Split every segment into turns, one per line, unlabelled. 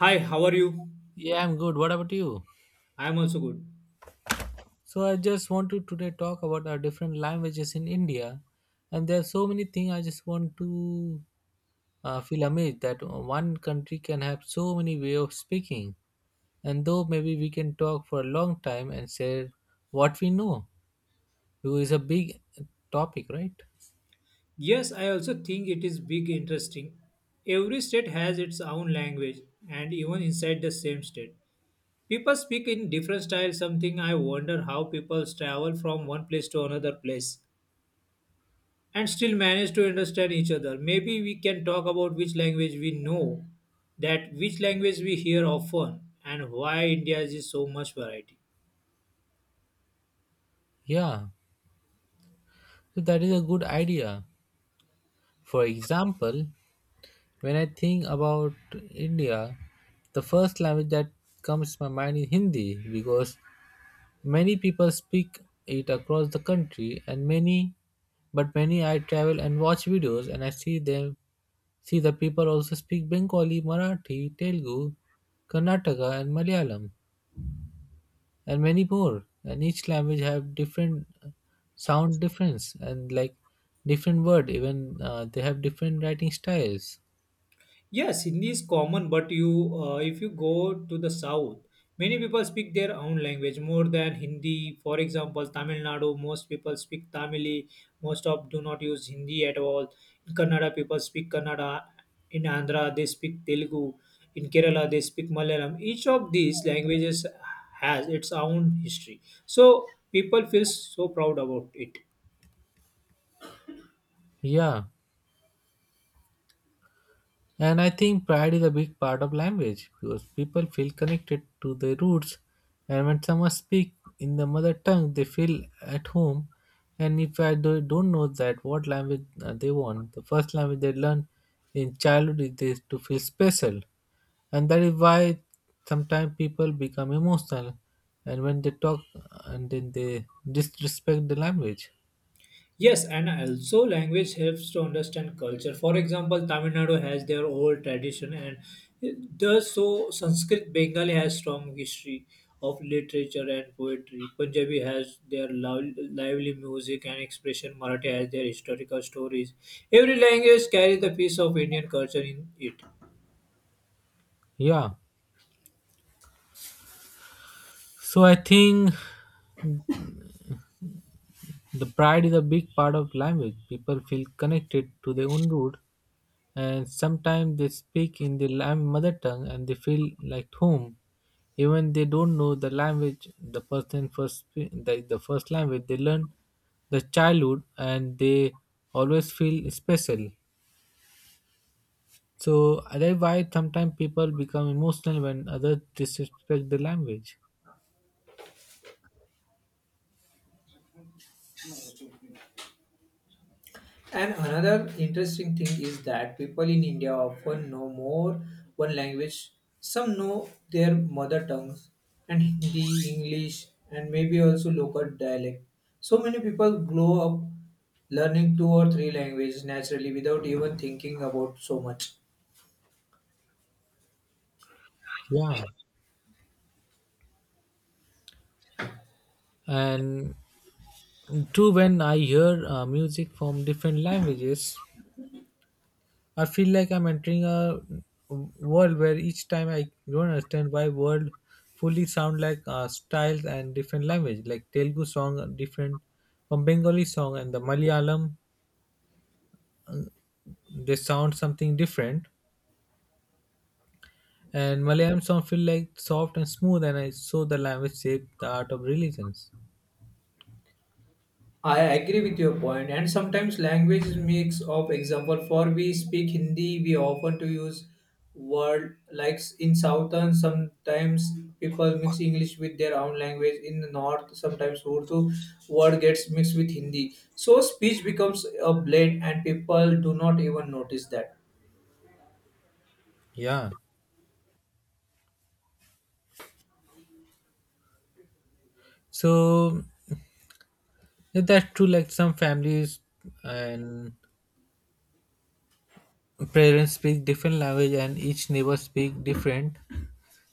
Hi, how are you?
Yeah, I'm good. What about you?
I am also good.
So I just want to today talk about our different languages in India, and there are so many things. I just want to feel amazed that one country can have so many way of speaking, and though maybe we can talk for a long time and share what we know, because it's a big topic, right?
Yes, I also think it is big interesting. Every state has its own language and even inside the same state. People speak in different styles, something I wonder how people travel from one place to another place and still manage to understand each other. Maybe we can talk about which language we know, that which language we hear often and why India is so much variety.
Yeah, so that is a good idea. For example, when I think about India, the first language that comes to my mind is Hindi because many people speak it across the country and many I travel and watch videos and I see them see the people also speak Bengali, Marathi, Telugu, Karnataka and Malayalam and many more, and each language have different sound difference and like different word, even they have different writing styles.
Yes, Hindi is common, but you, if you go to the south, many people speak their own language more than Hindi. For example, Tamil Nadu, most people speak Tamil. Most of do not use Hindi at all. In Kannada, people speak Kannada. In Andhra, they speak Telugu. In Kerala, they speak Malayalam. Each of these languages has its own history, so people feel so proud about it.
Yeah. And I think pride is a big part of language because people feel connected to their roots, and when someone speaks in the mother tongue, they feel at home. And if I don't know that what language they want, the first language they learn in childhood is this to feel special, and that is why sometimes people become emotional, and when they talk, and then they disrespect the language.
Yes, and also language helps to understand culture. For example, Tamil Nadu has their old tradition, and thus so Sanskrit Bengali has strong history of literature and poetry. Punjabi has their lively music and expression. Marathi has their historical stories. Every language carries a piece of Indian culture in it.
Yeah. So I think the pride is a big part of language. People feel connected to their own root, and sometimes they speak in their mother tongue and they feel like home. Even they don't know the language, the person the first language they learn, the childhood, and they always feel special. So that's why sometimes people become emotional when others disrespect the language.
And another interesting thing is that people in India often know more one language. Some know their mother tongues and Hindi, English, and maybe also local dialect. So many people grow up learning two or three languages naturally without even thinking about so much.
Yeah, and too when I hear music from different languages. I feel like I'm entering a world where each time I don't understand why world fully sound like styles and different language. Like Telugu song are different from Bengali song, and the Malayalam they sound something different. And Malayalam song feel like soft and smooth, and I saw the language shape the art of religions.
I agree with your point, and sometimes language is mix of example. For we speak Hindi, we often to use word like in southern. Sometimes people mix English with their own language. In the north, sometimes Urdu word gets mixed with Hindi. So speech becomes a blend, and people do not even notice that.
Yeah. So if that's true. Like some families, and parents speak different language, and each neighbor speak different,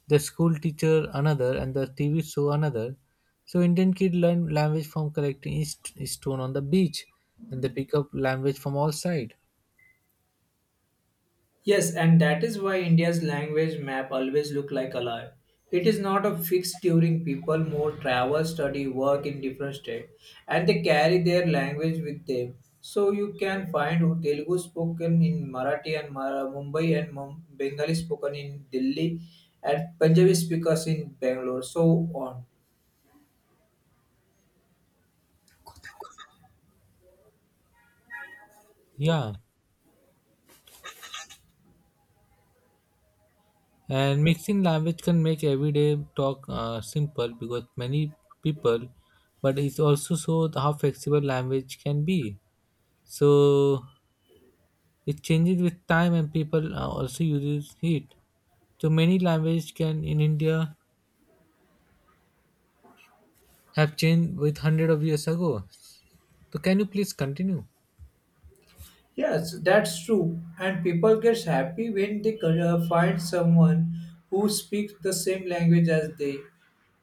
the school teacher another, and the TV show another. So Indian kid learn language from collecting stone on the beach, and they pick up language from all side.
Yes, and that is why India's language map always look like alive. It is not a fixed during people more travel, study, work in different state, and they carry their language with them. So you can find Telugu spoken in Marathi and Mumbai and Bengali spoken in Delhi and Punjabi speakers in Bangalore, so on.
Yeah, and mixing language can make everyday talk simple because many people, but it also shows how flexible language can be. So it changes with time, and people also uses it. So many language can in India have changed with hundred of years ago. So can you please continue?
Yes, that's true. And people get happy when they find someone who speaks the same language as they,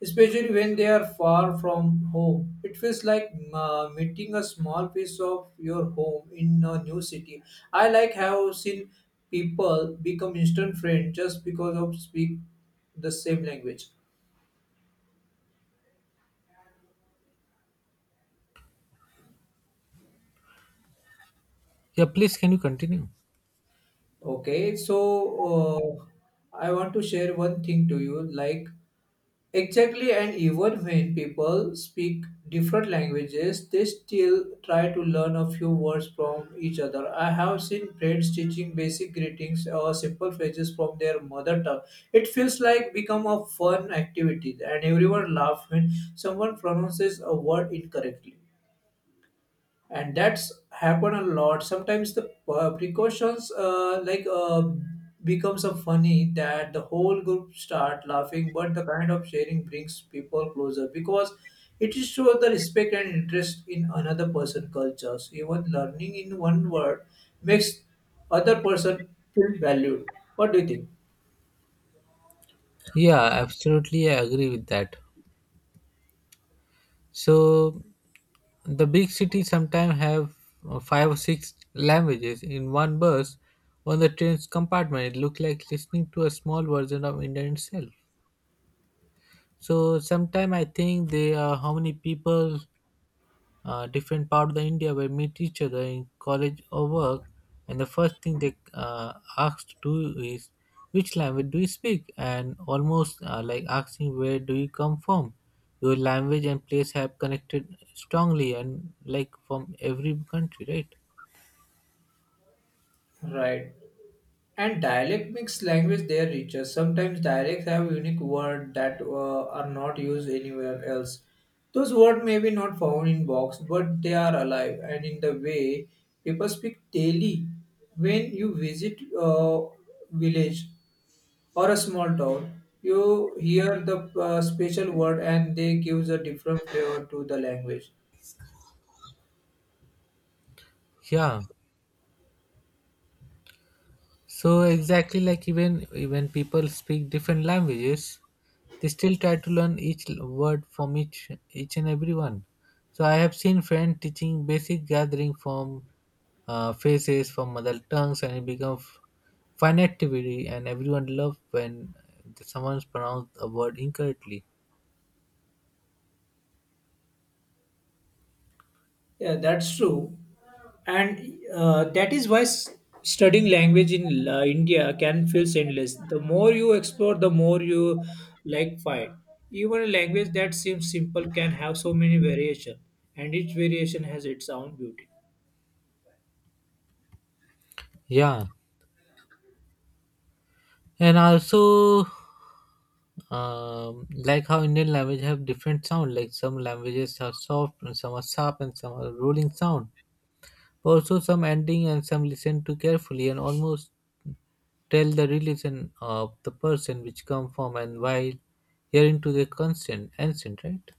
especially when they are far from home. It feels like meeting a small piece of your home in a new city. I like have seen people become instant friends just because of speak the same language.
Yeah, please can you continue?
Okay, so uh, I want to share one thing to you, like exactly, and even when people speak different languages, they still try to learn a few words from each other. I have seen friends teaching basic greetings or simple phrases from their mother tongue. It feels like become a fun activity, and everyone laughs when someone pronounces a word incorrectly and that's happened a lot sometimes the precautions like becomes a funny that the whole group start laughing but the kind of sharing brings people closer because it is show the respect and interest in another person cultures even learning in one word makes other person feel valued. What do you think?
Yeah, absolutely, I agree with that. So the big cities sometimes have five or six languages in one bus. On the train's compartment, it looks like listening to a small version of India itself. So sometimes I think they are how many people different part of the India where meet each other in college or work, and the first thing they ask to do is which language do you speak, and almost like asking where do you come from. Your language and place have connected strongly, and like from every country, right?
Right. And dialect makes language their richer. Sometimes dialects have unique words that are not used anywhere else. Those words may be not found in box, but they are alive and in the way people speak daily. When you visit a village or a small town, you hear the special word and they gives a different flavor to the language.
Yeah. So exactly, like even when people speak different languages, they still try to learn each word from each and every one. So I have seen friends teaching basic gathering from faces from mother tongues, and it becomes fun activity, and everyone love when someone's pronounced a word incorrectly.
Yeah, that's true. And that is why studying language in India can feel endless. The more you explore, the more you like find. Even a language that seems simple can have so many variation, and each variation has its own beauty.
Yeah. And also like how Indian language have different sound. Like some languages are soft, and some are sharp, and some are rolling sound. Also some ending, and some listen to carefully, and almost tell the religion of the person which come from, and while hearing to the consent ancient, right?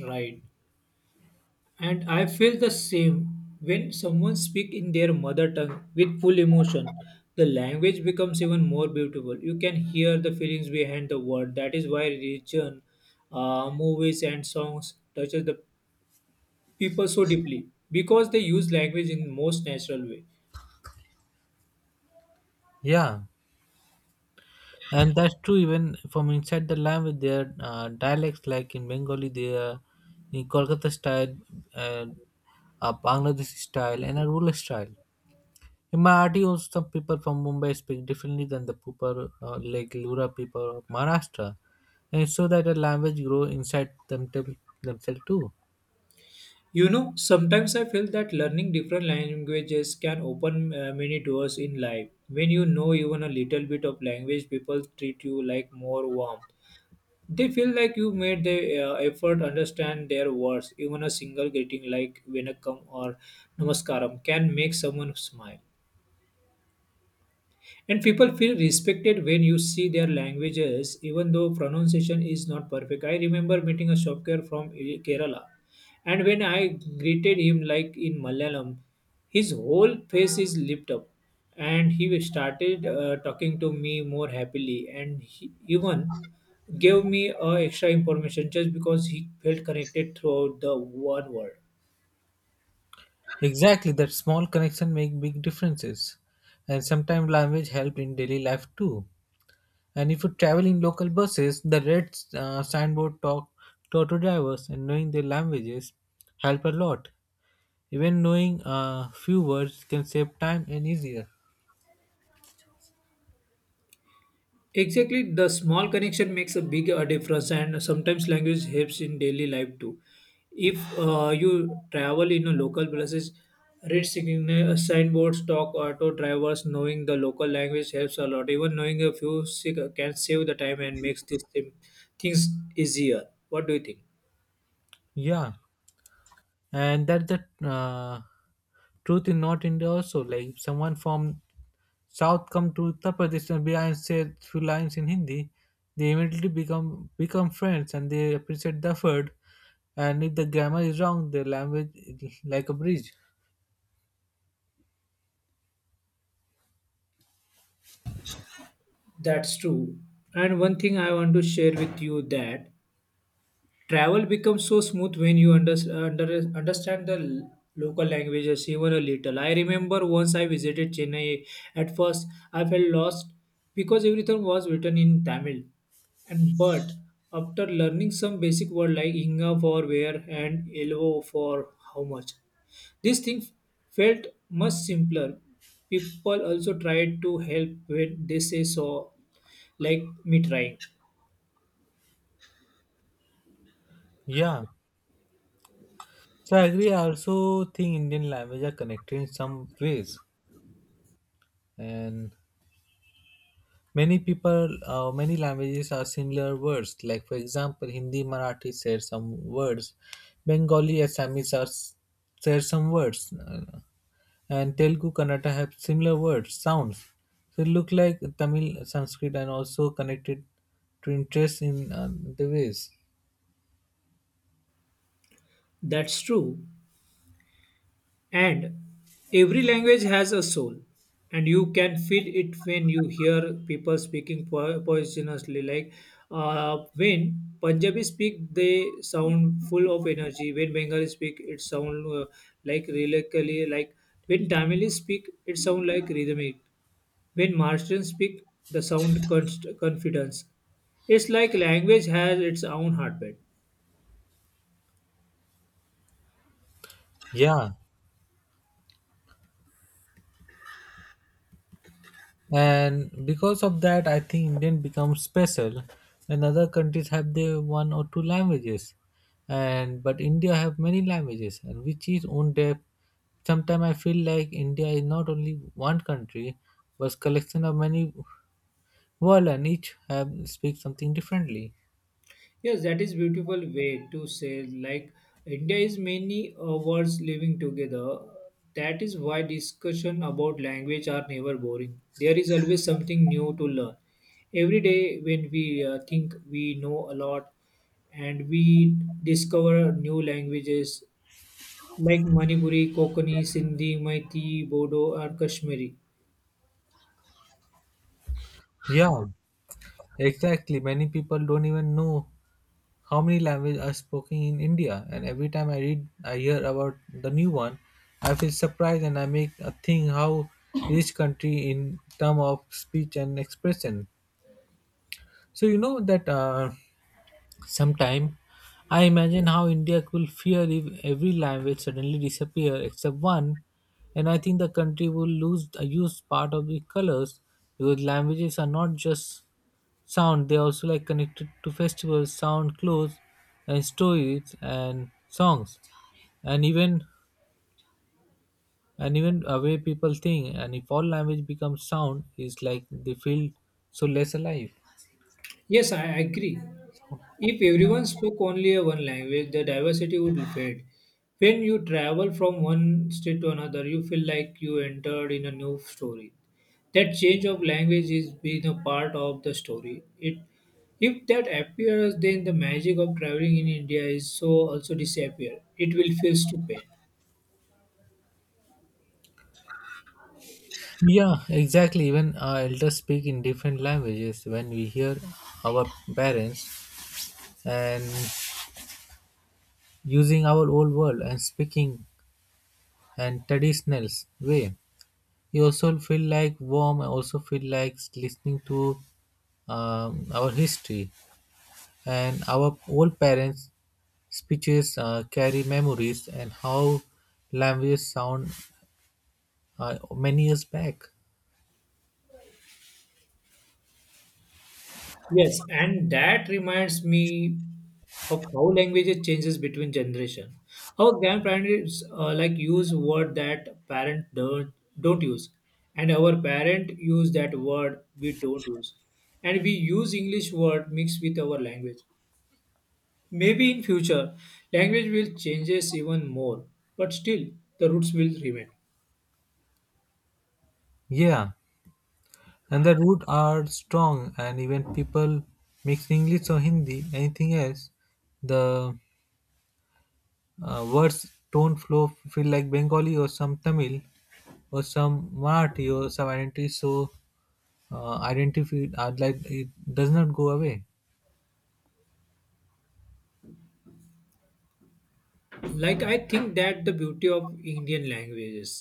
Right. And I feel the same when someone speaks in their mother tongue with full emotion. The language becomes even more beautiful. You can hear the feelings behind the word. That is why religion, movies, and songs touches the people so deeply because they use language in most natural way.
Yeah. And that's true, even from inside the language their dialects, like in Bengali they are in Kolkata style, and Bangladeshi style, and a rural style. In my audience, some people from Mumbai speak differently than the people like Lura people of Maharashtra, and so that the language grow inside them themselves too.
You know, sometimes I feel that learning different languages can open many doors in life. When you know even a little bit of language, people treat you like more warm. They feel like you made the effort understand their words. Even a single greeting like Venakam or Namaskaram can make someone smile. And people feel respected when you see their languages, even though pronunciation is not perfect. I remember meeting a shopkeeper from Kerala, and when I greeted him like in Malayalam, his whole face is lit up, and he started talking to me more happily, and he even gave me extra information just because he felt connected throughout the one world.
Exactly, that small connection make big differences, and sometimes language help in daily life too. And if you travel in local buses, the red signboard talk to auto drivers, and knowing their languages help a lot. Even knowing a few words can save time and easier.
Exactly, the small connection makes a big difference, and sometimes language helps in daily life too. If you travel in a local places, read signboards, talk auto drivers, knowing the local language helps a lot. Even knowing a few can save the time and makes things easier. What do you think?
Yeah, and that the truth in North India also. Like if someone from South come to Uttar Pradesh and behind say few lines in Hindi, they immediately become friends, and they appreciate the effort. And if the grammar is wrong, the language is like a bridge.
That's true. And one thing I want to share with you that travel becomes so smooth when you understand the local languages even a little. I remember once I visited Chennai. At first, I felt lost because everything was written in Tamil. And but after learning some basic words like inga for where and elvo for how much, this thing felt much simpler. People also tried to help when they say so, like me trying.
Yeah. So I agree. I also think Indian language are connected in some ways, and many languages are similar words. Like for example, Hindi, Marathi share some words. Bengali, Assamese are share some words, and Telugu, Kannada have similar words sounds. So it look like Tamil, Sanskrit, and also connected to interest in the ways.
That's true. And every language has a soul, and you can feel it when you hear people speaking poisonously. Like when Punjabi speak, they sound full of energy. When Bengali speak, it sound like lyrically. Like when Tamil speak, it sound like rhythmic. When Maharashtrian speak, the sound confidence. It's like language has its own heartbeat.
Yeah. And because of that, I think Indian becomes special, and other countries have their one or two languages, and but India have many languages, and which is own depth. Sometimes I feel like India is not only one country but collection of many world, and each have speak something differently.
Yes, that is beautiful way to say like India is many words living together. That is why discussion about language are never boring. There is always something new to learn. Every day when we think we know a lot and we discover new languages like Manipuri, Kokani, Sindhi, Maithili, Bodo or Kashmiri.
Yeah, exactly, many people don't even know how many languages are spoken in India. And every time I read, I hear about the new one, I feel surprised, and I make a thing how each country in term of speech and expression. So you know that sometime I imagine how India will fear if every language suddenly disappear except one, and I think the country will lose a huge part of the colors, because languages are not just sound, they also like connected to festivals sound, clothes, and stories, and songs, and even and even way people think, and if all language becomes sound is like they feel so less alive.
Yes, I agree. If everyone spoke only a one language, the diversity would fade. When you travel from one state to another, you feel like you entered in a new story. That change of language is being a part of the story. It, if that appears, then the magic of traveling in India is so also disappear. It will feel stupid.
Yeah, exactly, even our elders speak in different languages. When we hear our parents and using our old world and speaking and traditional way, you also feel like warm. I also feel like listening to our history, and our old parents speeches carry memories, and how languages sound many years back.
Yes, and that reminds me of how language changes between generation. Our grandparents like use word that parent don't use, and our parent use that word we don't use, and we use English word mixed with our language. Maybe in future language will changes even more, but still the roots will remain.
Yeah. And the roots are strong, and even people mix English or Hindi anything else, the words don't flow, feel like Bengali or some Tamil or some Marathi or some identity. So identify, I'd like it does not go away.
Like I think that the beauty of Indian languages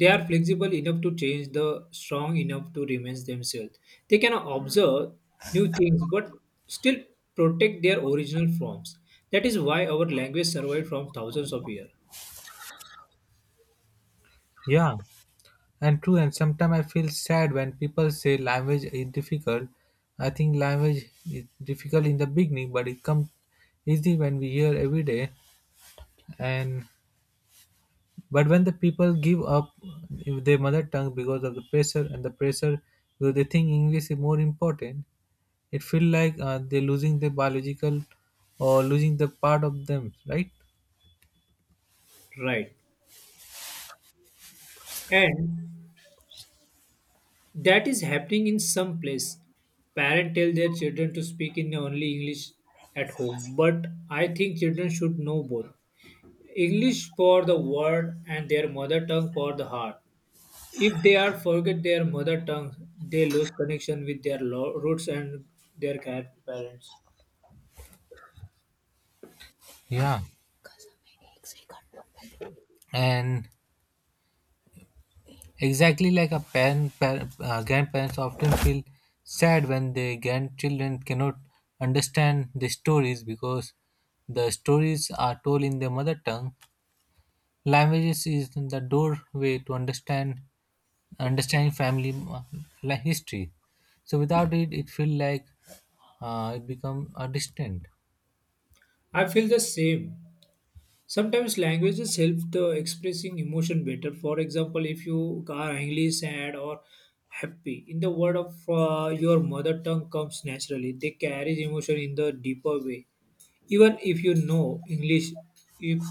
they are flexible enough to change the strong enough to remain themselves. They can observe new things but still protect their original forms. That is why our language survived from thousands of years.
Yeah, and true, and sometimes I feel sad when people say language is difficult. I think language is difficult in the beginning, but it comes easy when we hear every day. And but when the people give up with their mother tongue because of the pressure and the pressure, because they think English is more important, it feel like they're losing their biological or losing the part of them, right?
Right. And that is happening in some place. Parents tell their children to speak in only English at home, but I think children should know both English for the world and their mother tongue for the heart. If they are forget their mother tongue, they lose connection with their roots and their parents.
Yeah. And exactly like grandparents often feel sad when their grandchildren cannot understand the stories, because the stories are told in their mother tongue. Languages is the doorway to understand understanding family history. So without it, it feel like it become a distant.
I feel the same. Sometimes languages help the expressing emotion better. For example, if you are angry, sad, or happy, in the word of your mother tongue comes naturally. They carry emotion in the deeper way. Even if you know English, if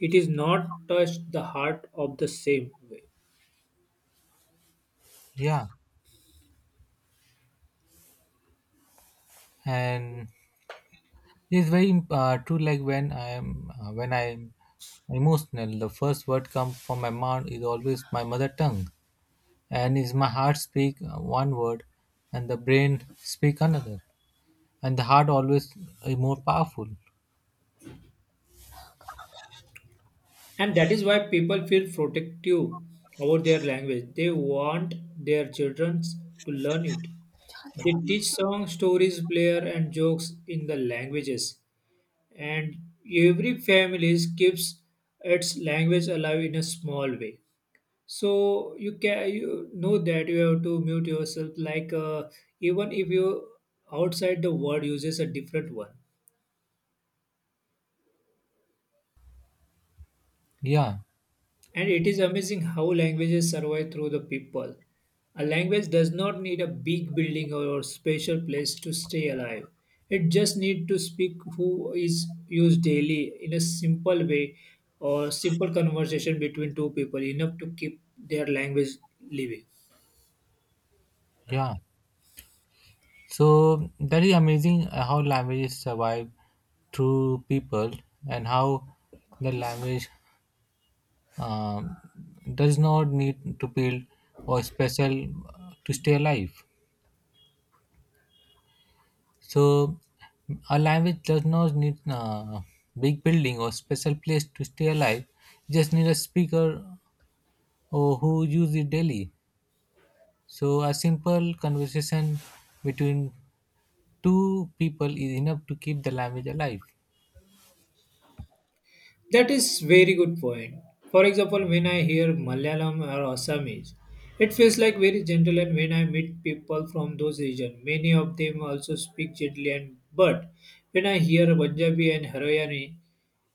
it is not touched the heart of the same way.
Yeah, and it's very true. Like when I am emotional, the first word come from my mouth is always my mother tongue, and is my heart speak one word, and the brain speak another, and the heart always is more powerful.
And that is why people feel protective about their language. They want their children to learn it. They teach songs, stories, player, and jokes in the languages. And every family keeps its language alive in a small way. So you can you know that you have to mute yourself. Like even if you outside the word uses a different one.
Yeah,
And it is amazing how languages survive through the people. A language does not need a big building or special place to stay alive. It just needs to speak who is used daily in a simple way or simple conversation between two people enough to keep their language living.
yeah. So that is amazing how languages survive through people, and how the language um, does not need to build or special to stay alive. So, a language does not need a big building or special place to stay alive. Just need a speaker or who use it daily. So, a simple conversation between two people is enough to keep the language alive.
That is very good point. For example, when I hear Malayalam or Assamese, it feels like very gentle and when I meet people from those regions, many of them also speak gently and but when I hear Punjabi and Haryani,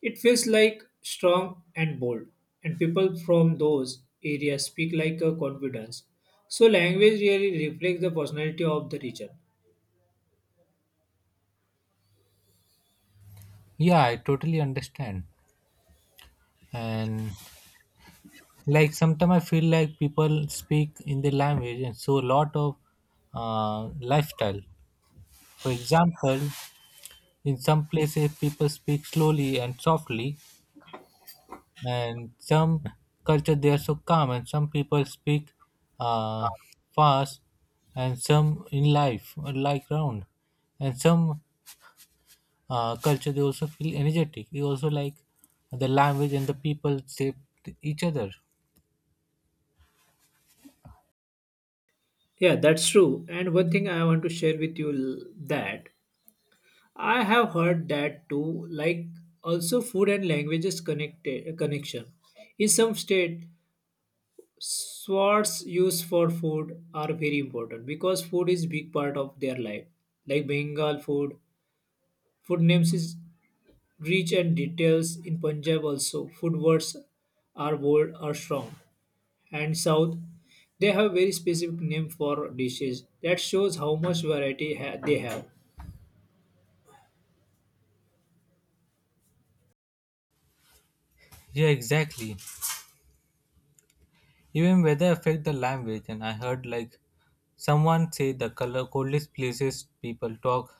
it feels like strong and bold and people from those areas speak like a confidence. So language really reflects the personality of the region.
Yeah, I totally understand. And like sometimes I feel like people speak in their language, and so a lot of lifestyle. For example, in some places people speak slowly and softly, and some culture they are so calm, and some people speak uh, fast, and some in life like round, and some culture they also feel energetic, they also like the language and the people shape each other.
Yeah, that's true. And one thing I want to share with you that I have heard that too. Like also food and languages connected connection. In some state, swords used for food are very important because food is big part of their life. Like Bengal food, food names is rich and details. In Punjab also, food words are bold are strong. And South, they have very specific name for dishes that shows how much variety they have.
Yeah, exactly, even weather affect the language. And I heard like someone say the color coldest places people talk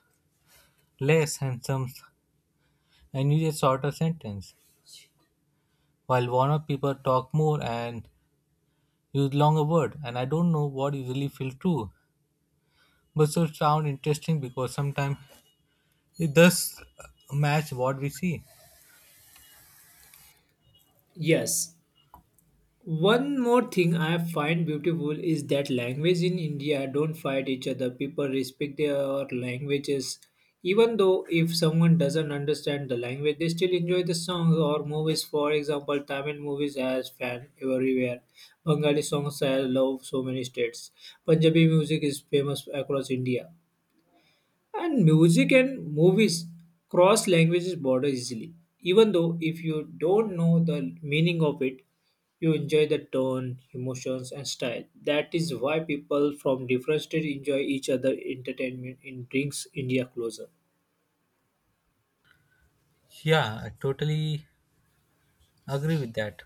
less, and use a shorter sentence, while warmer people talk more and use longer word. And I don't know what usually feel true, but so sound interesting, because sometimes it does match what we see.
Yes, one more thing I find beautiful is that language in India don't fight each other. People respect their languages. Even though if someone doesn't understand the language, they still enjoy the songs or movies. For example, Tamil movies has fan everywhere. Bengali songs have love so many states. Punjabi music is famous across India. And music and movies cross languages border easily. Even though if you don't know the meaning of it, you enjoy the tone, emotions, and style. That is why people from different states enjoy each other entertainment and brings India closer.
Yeah, I totally agree with that.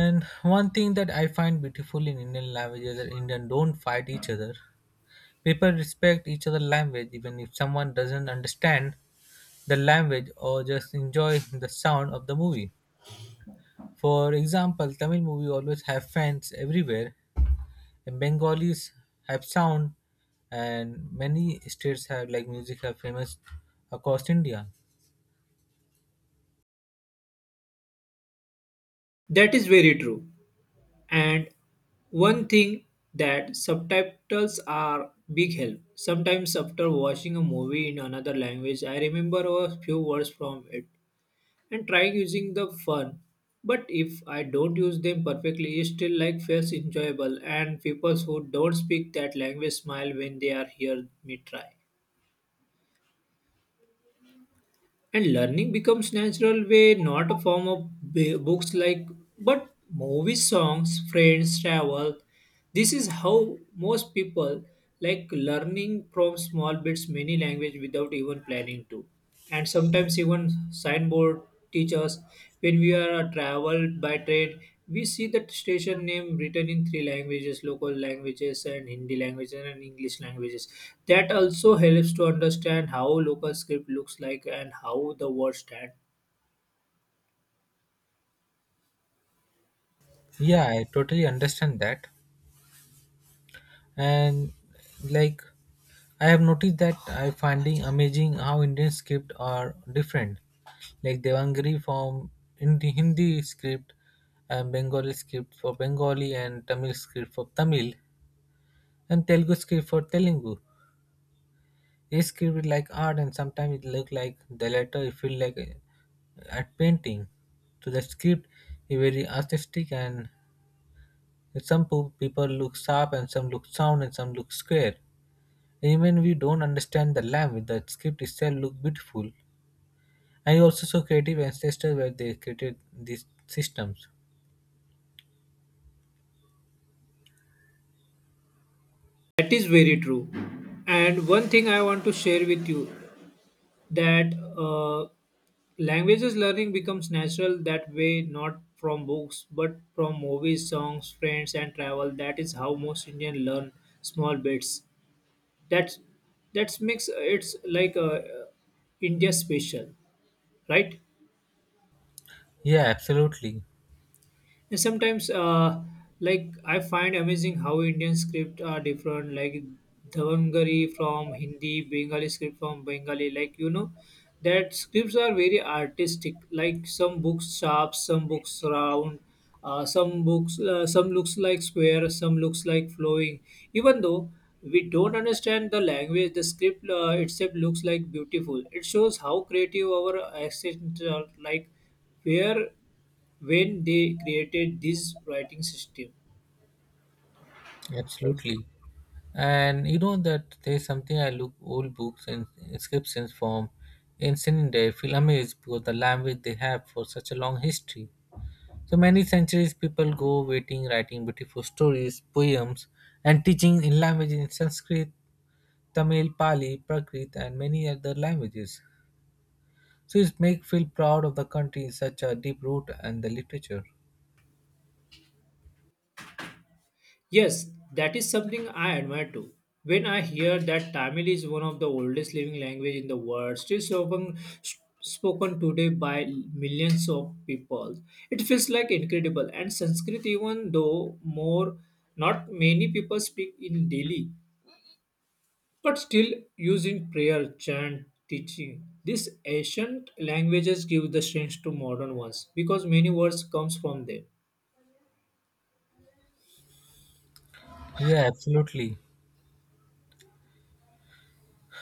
And one thing that I find beautiful in Indian language is that Indian don't fight each other. People respect each other language, even if someone doesn't understand the language, or just enjoy the sound of the movie. For example, Tamil movie always have fans everywhere. Bengalis have sound, and many states have like music have famous across India.
That is very true. And one thing that subtitles are big help. Sometimes after watching a movie in another language, I remember a few words from it and trying using the fun. But if I don't use them perfectly, it's still like feels enjoyable and people who don't speak that language smile when they are hear me try. And learning becomes natural way, not a form of books like but movies, songs, friends, travel. This is how most people like learning from small bits many language without even planning to. And sometimes even signboard Teachers, when we are traveled by train we see the station name written in three languages, local languages and hindi languages and english languages, that also helps to understand how local script looks like and how the words stand.
Yeah, I totally understand that. And like I have noticed that, I finding amazing how Indian script are different, like Devangari from Hindi script, and Bengali script for Bengali, and Tamil script for Tamil, and Telugu script for Telugu. It's scribbled like art, and sometimes it look like the letter. It feel like a painting. So the script is very artistic, and some people look sharp, and some look sound, and some look square. Even we don't understand the language, the script itself look beautiful. And also saw creative ancestors where they created these systems.
That is very true. And one thing I want to share with you that uh, languages learning becomes natural that way, not from books but from movies, songs, friends, and travel. That is how most indian learn small bits. That's that's makes it's like a india special, right?
Yeah, absolutely,
And sometimes, like I find amazing how Indian script are different. Like Devanagari from Hindi, Bengali script from Bengali. Like you know, that scripts are very artistic. Like some books sharp, some books round, some books some looks like square, some looks like flowing. Even though we don't understand the language, the script itself looks like beautiful. It shows how creative our accents are. Like where when they created this writing system.
absolutely. And you know that there's something, I look old books and inscriptions from ancient India. I feel amazed because the language they have for such a long history. So many centuries people go waiting, writing beautiful stories, poems, and teaching in language in Sanskrit, Tamil, Pali, Prakrit, and many other languages. So it make feel proud of the country in such a deep root and the literature.
Yes, that is something I admire too. When I hear that Tamil is one of the oldest living language in the world, still spoken today by millions of people, it feels like incredible. And Sanskrit, even though more, not many people speak in daily, but still using prayer, chant, teaching. These ancient languages give the strength to modern ones because many words comes from them.
Yeah, absolutely.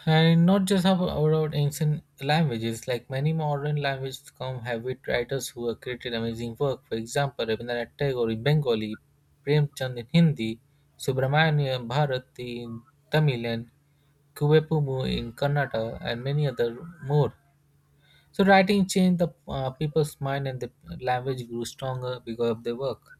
And not just about ancient languages, like many modern languages come have with writers who have created amazing work. For example, Rabindranath Tagore in Bengali, Premchand in Hindi, Subramanyam Bharati in Tamil, and Kuvepumu in Kannada, and many other more. So writing changed the people's mind, and the language grew stronger because of their work.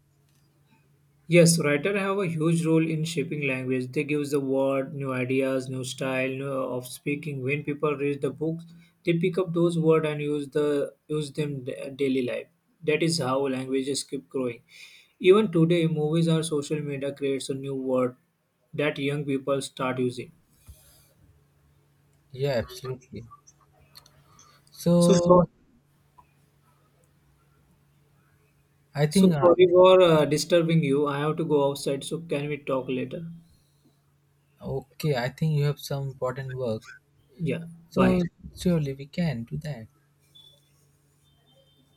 Yes, writer have a huge role in shaping language. They gives the word, new ideas, new style new of speaking. When people read the books, they pick up those words and use them daily life. That is how languages keep growing. Even today, movies or social media creates a new word that young people start using.
Yeah, absolutely.
So, so,
So I think,
so
uh,
sorry for disturbing you. I have to go outside. So can we talk later?
okay, I think you have some important work.
Yeah. Bye.
So surely we can do that.